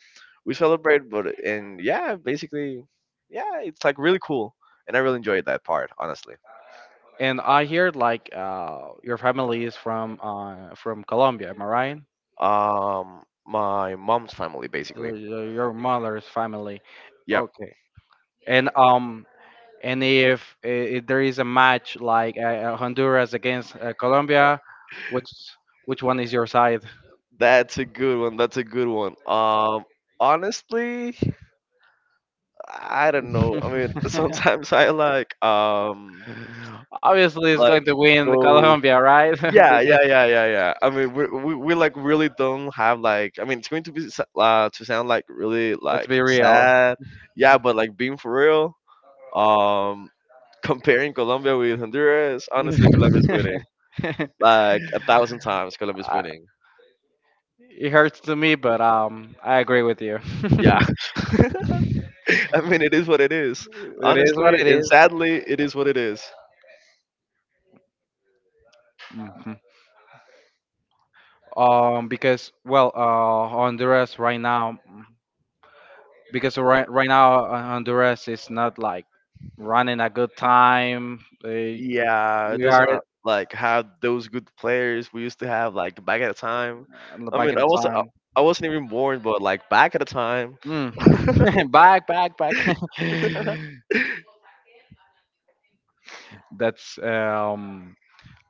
we celebrate. But and yeah, basically, yeah, it's like really cool, and I really enjoyed that part, honestly. And I hear like your family is from Colombia, am I right? My mom's family, basically. Your mother's family. Yep. Okay, and um, and if, eh, there is a match like Honduras against Colombia, which which one is your side? That's a good one. That's a good one. Honestly, I don't know. I mean, sometimes I Obviously, it's like going to win the go. Colombia, right? Yeah, yeah, Because yeah, yeah, yeah. I mean, we like really don't have like. I mean, it's going to be to sound like really let's like be real. sad. Yeah, but like being for real. Um, comparing Colombia with Honduras, honestly, Colombia's winning I- like a thousand times. Colombia's winning. it hurts to me, but I agree with you. Yeah. It I mean, it is what it is. is what Honestly it and is. sadly, it is what it is. Mhm. Because well, Honduras right now. Because right now Honduras is not like running a good time. They, Yeah, it we are doesn't like have those good players we used to have like back at the time. I back mean, in I wasn't I time. I wasn't even born, but like back at the time, Mhm. Back, back, back. That's.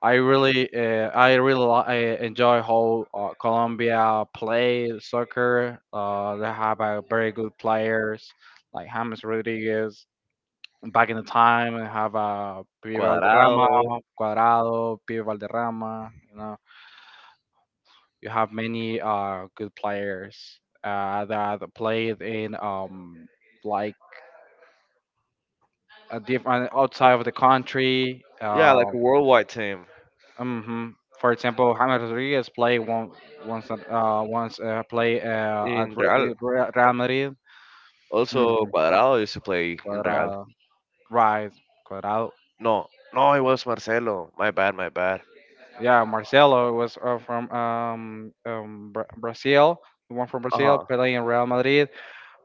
I really, I really I enjoy how Colombia play soccer. They have very good players like James Rodriguez. Back in the time, they have Pibe Valderrama, Cuadrado. Cuadrado, Pibe Valderrama. You know, you have many good players that played in like a different outside of the country. Yeah, like a worldwide team hmm. For example, James Rodriguez play once once play at in Real. Real Madrid. Hmm. Also, Cuadrado used to play in Real. Cuadrado, right? Cuadrado. No, no, it was Marcelo. My bad, my bad. Yeah, Marcelo was from Brazil. The one from Brazil, Uh-huh. playing in Real Madrid.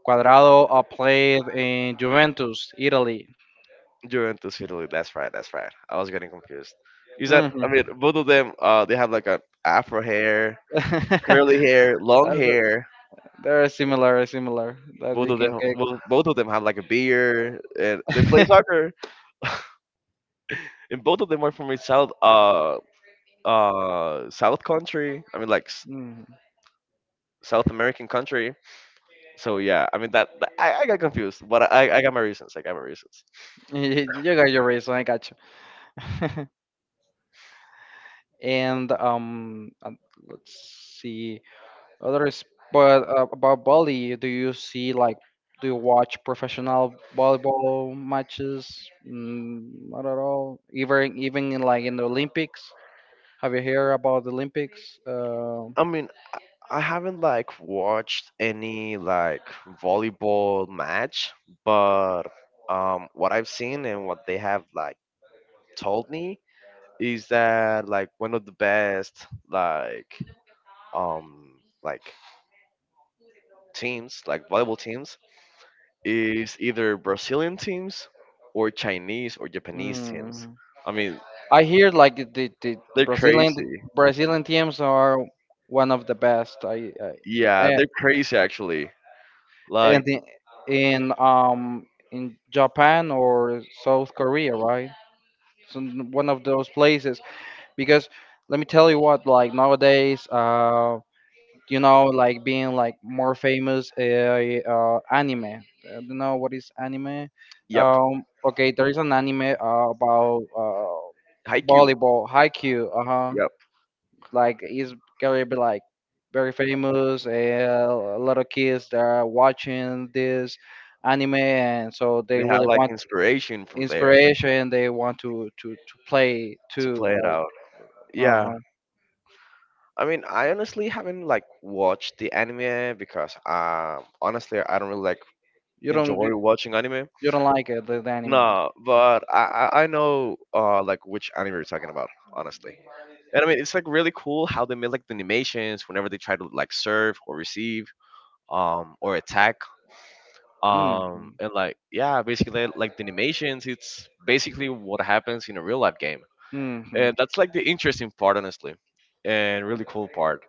Cuadrado played in Juventus, Italy. Juventus, Italy. That's right. That's right. I was getting confused. You said, I Mm-hmm. mean, both of them. They have like an afro hair, curly hair, long Uh, th- hair. they're similar that Both you of can them, both of them have like a beard, and they play get. soccer. And both of them are from a South, South country. I mean, like Mm. South American country. So yeah, I mean that. I got confused, but I got my reasons. I got my reasons. You got your reason, I got you. And let's see others. But about Bali, do you see like do you watch professional volleyball matches? Mm, not at all. Even in like in the Olympics. Have you heard about the Olympics? I mean, I haven't like watched any like volleyball match, but what I've seen and what they have like told me is that like one of the best like teams like volleyball teams is either Brazilian teams or Chinese or Japanese teams. mm, I mean, I hear like the they're Brazilian crazy. Brazilian teams are one of the best. Yeah, eh, they're crazy actually. and Like, in um in Japan or South Korea, right? One of those places because let me tell you what like nowadays you know like being like more famous anime. I don't know what is anime. yep, Okay, there is an anime about Haikyuu. volleyball, haiku, uh-huh, Yep, like he's gonna be like very famous, and a lot of kids that are watching this anime, and so they they have really like want inspiration from there inspiration, they want to play to too play it like out. Yeah, uh-huh. I mean, I honestly haven't like watched the anime because honestly I don't really like you don't you, enjoy watching anime. you don't like it the anime. No, but I know like which anime you're talking about, honestly. And I mean, it's like really cool how they made like the animations whenever they try to like serve or receive or attack Hmm. And like yeah, basically like the animations, it's basically what happens in a real life game. Hmm. And that's like the interesting part honestly. And really cool part.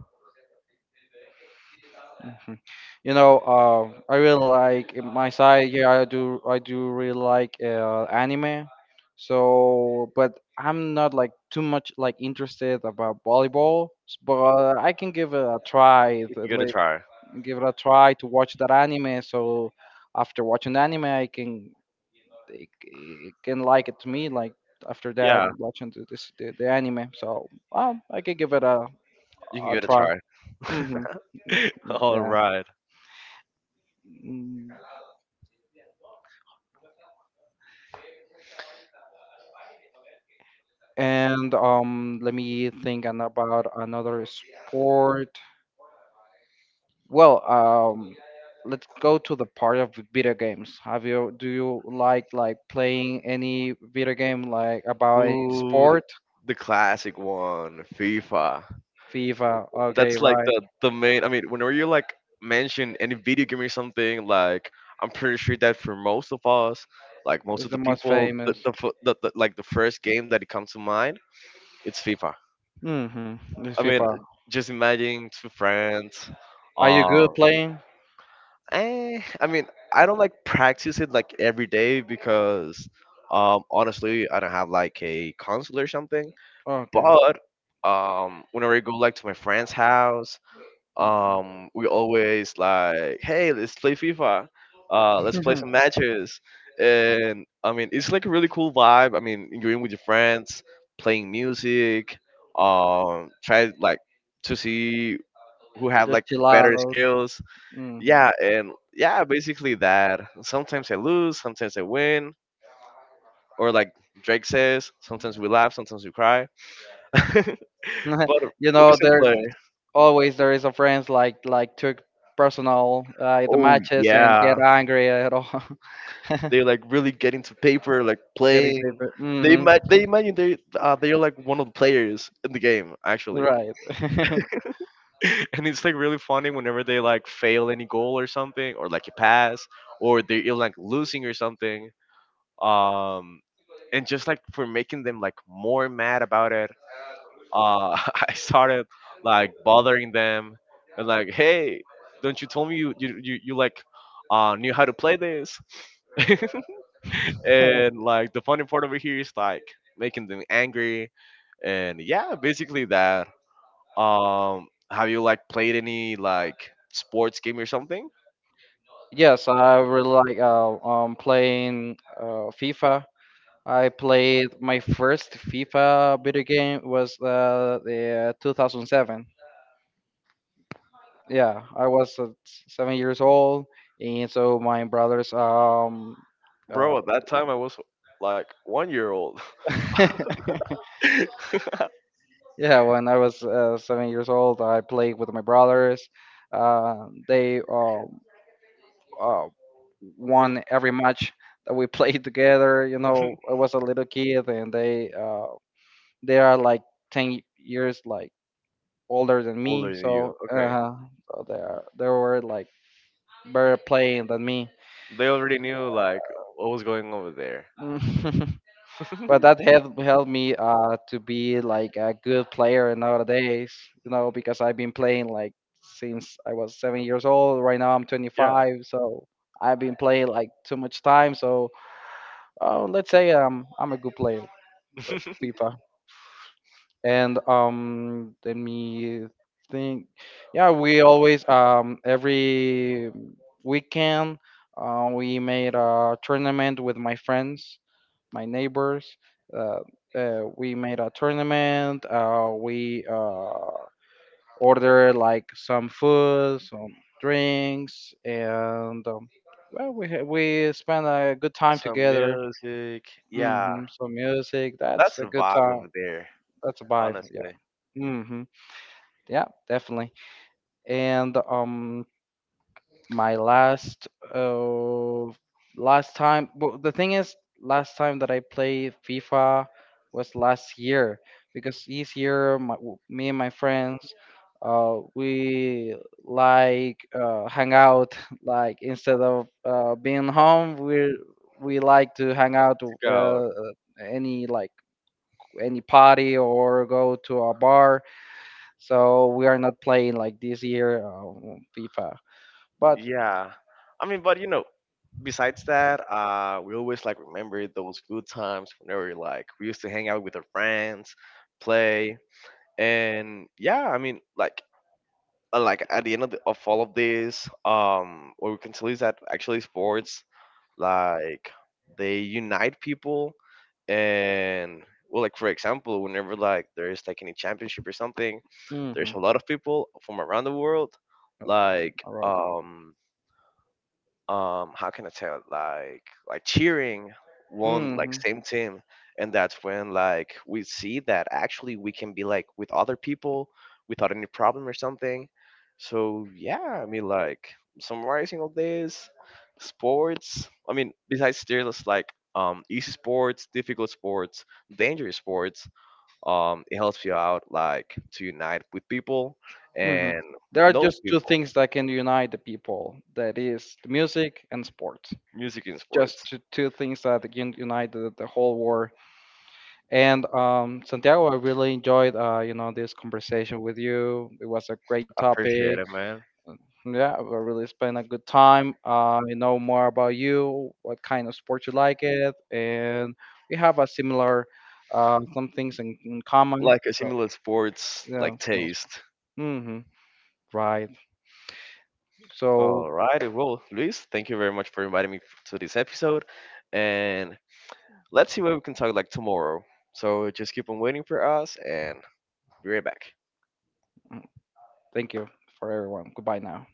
Mhm. You know, I really like in my side. Yeah, I do. I do really like anime. So, but I'm not like too much like interested about volleyball. But I can give it a try. You can give it a Like, try. give it a try to watch that anime. So, after watching the anime, I can it can like it to me. Like after that, Yeah. I'm watching the anime. So, I can give it You can a give it a try. try. Hmm. All Yeah. right. Mm. And let me think about another sport. Well, let's go to the part of video games. Have you do you like playing any video game like about any Ooh, sport? the classic one, FIFA. FIFA. Okay, That's like right. the main. I mean, whenever you like mention any video game or something, like I'm pretty sure that for most of us, like most It's of the the most people, the famous. the, fir- the, the like the first game that it comes to mind, it's FIFA. Mm-hmm. It's I mean, FIFA. just imagine two friends, Are you good um, playing? Eh, I mean, I don't like practice it like every day because honestly, I don't have like a console or something. Okay. But whenever I go like to my friend's house, we always like, hey, let's play FIFA. Let's play some matches. And I mean, it's like a really cool vibe. I mean, you're in with your friends, playing music, try like to see who have Just like chill better out. skills. Hmm. Yeah, and yeah, basically that. Sometimes I lose, sometimes I win, or like Drake says, sometimes we laugh, sometimes we cry. But You we know should there play. always there is a friends like took personal the Oh matches and get yeah, angry at all. they like really getting to paper, like Getting playing. paper. They Hmm. ma- they imagine they they're like one of the players in the game actually, Right. and it's like really funny whenever they like fail any goal or something, or like a pass, or they're like losing or something um, and just like for making them like more mad about it uh I started like bothering them, and like hey, don't you tell me you like knew how to play this. And like the funny part over here is like making them angry, and yeah, basically that. Um, have you like played any like sports game or something? Yes, I really like playing FIFA. I played my first FIFA video game was the 2007. Yeah, I was 7 years old, and so my brothers Bro, uh, at that time I was like 1 year old. yeah, when I was 7 years old, I played with my brothers. They uh, won every match that we played together. You know, I was a little kid, and they are like 10 years like older than me. Older than you. So, Okay. They were like better playing than me. They already knew like what was going over there. But that helped me to be like a good player nowadays, you know, because I've been playing like since I was 7 years old. Right now I'm Yeah. 25, so I've been playing like too much time, so let's say I'm a good player of FIFA. And let me think. Yeah, we always every weekend we made a tournament with my friends, my neighbors. Uh, we made a tournament. We ordered like some food, some drinks, and well, we spent a good time Some together. music. Yeah. Hmm. Some music. That's That's a a good vibe time. over there, That's a vibe. honestly. Yeah. To Hmm. Yeah, definitely. And my last uh last time, but the thing is last time that I played FIFA was last year, because this year me and my friends we like hang out like instead of being home, we like to hang out go. Any like any party or go to a bar, so we are not playing like this year FIFA. But Yeah. I mean, but you know, besides that, we always like remember those good times whenever like we used to hang out with our friends, play, and yeah, I mean, like at the end of, the, of all of this, what we can tell is that actually sports like they unite people, and well like for example, whenever like there's like any championship or something, there's mhm. a lot of people from around the world like Around the world. um how can I tell like cheering one like Hmm. same team, and that's when like we see that actually we can be like with other people without any problem or something. So yeah, I mean like summarizing all this sports, I mean besides there's like easy sports, difficult sports, dangerous sports, it helps you out like to unite with people Hmm. and There are know just two people. things that can unite the people. That is the music and sports. Music and Just sports. two things that can unite the whole war. And Santiago, I really enjoyed you know this conversation with you. It was a great topic. Appreciate it, man. Yeah, we really spent a good time. You know more about you, what kind of sport you like it, and we have a similar some things in common. Like a So. similar sports Yeah, like snow. taste. Mm-hmm. Right. So All righty, well, Luis, thank you very much for inviting me to this episode, and let's see what we can talk like tomorrow. So just keep on waiting for us, and be right back. mm, thank you for everyone. Goodbye now.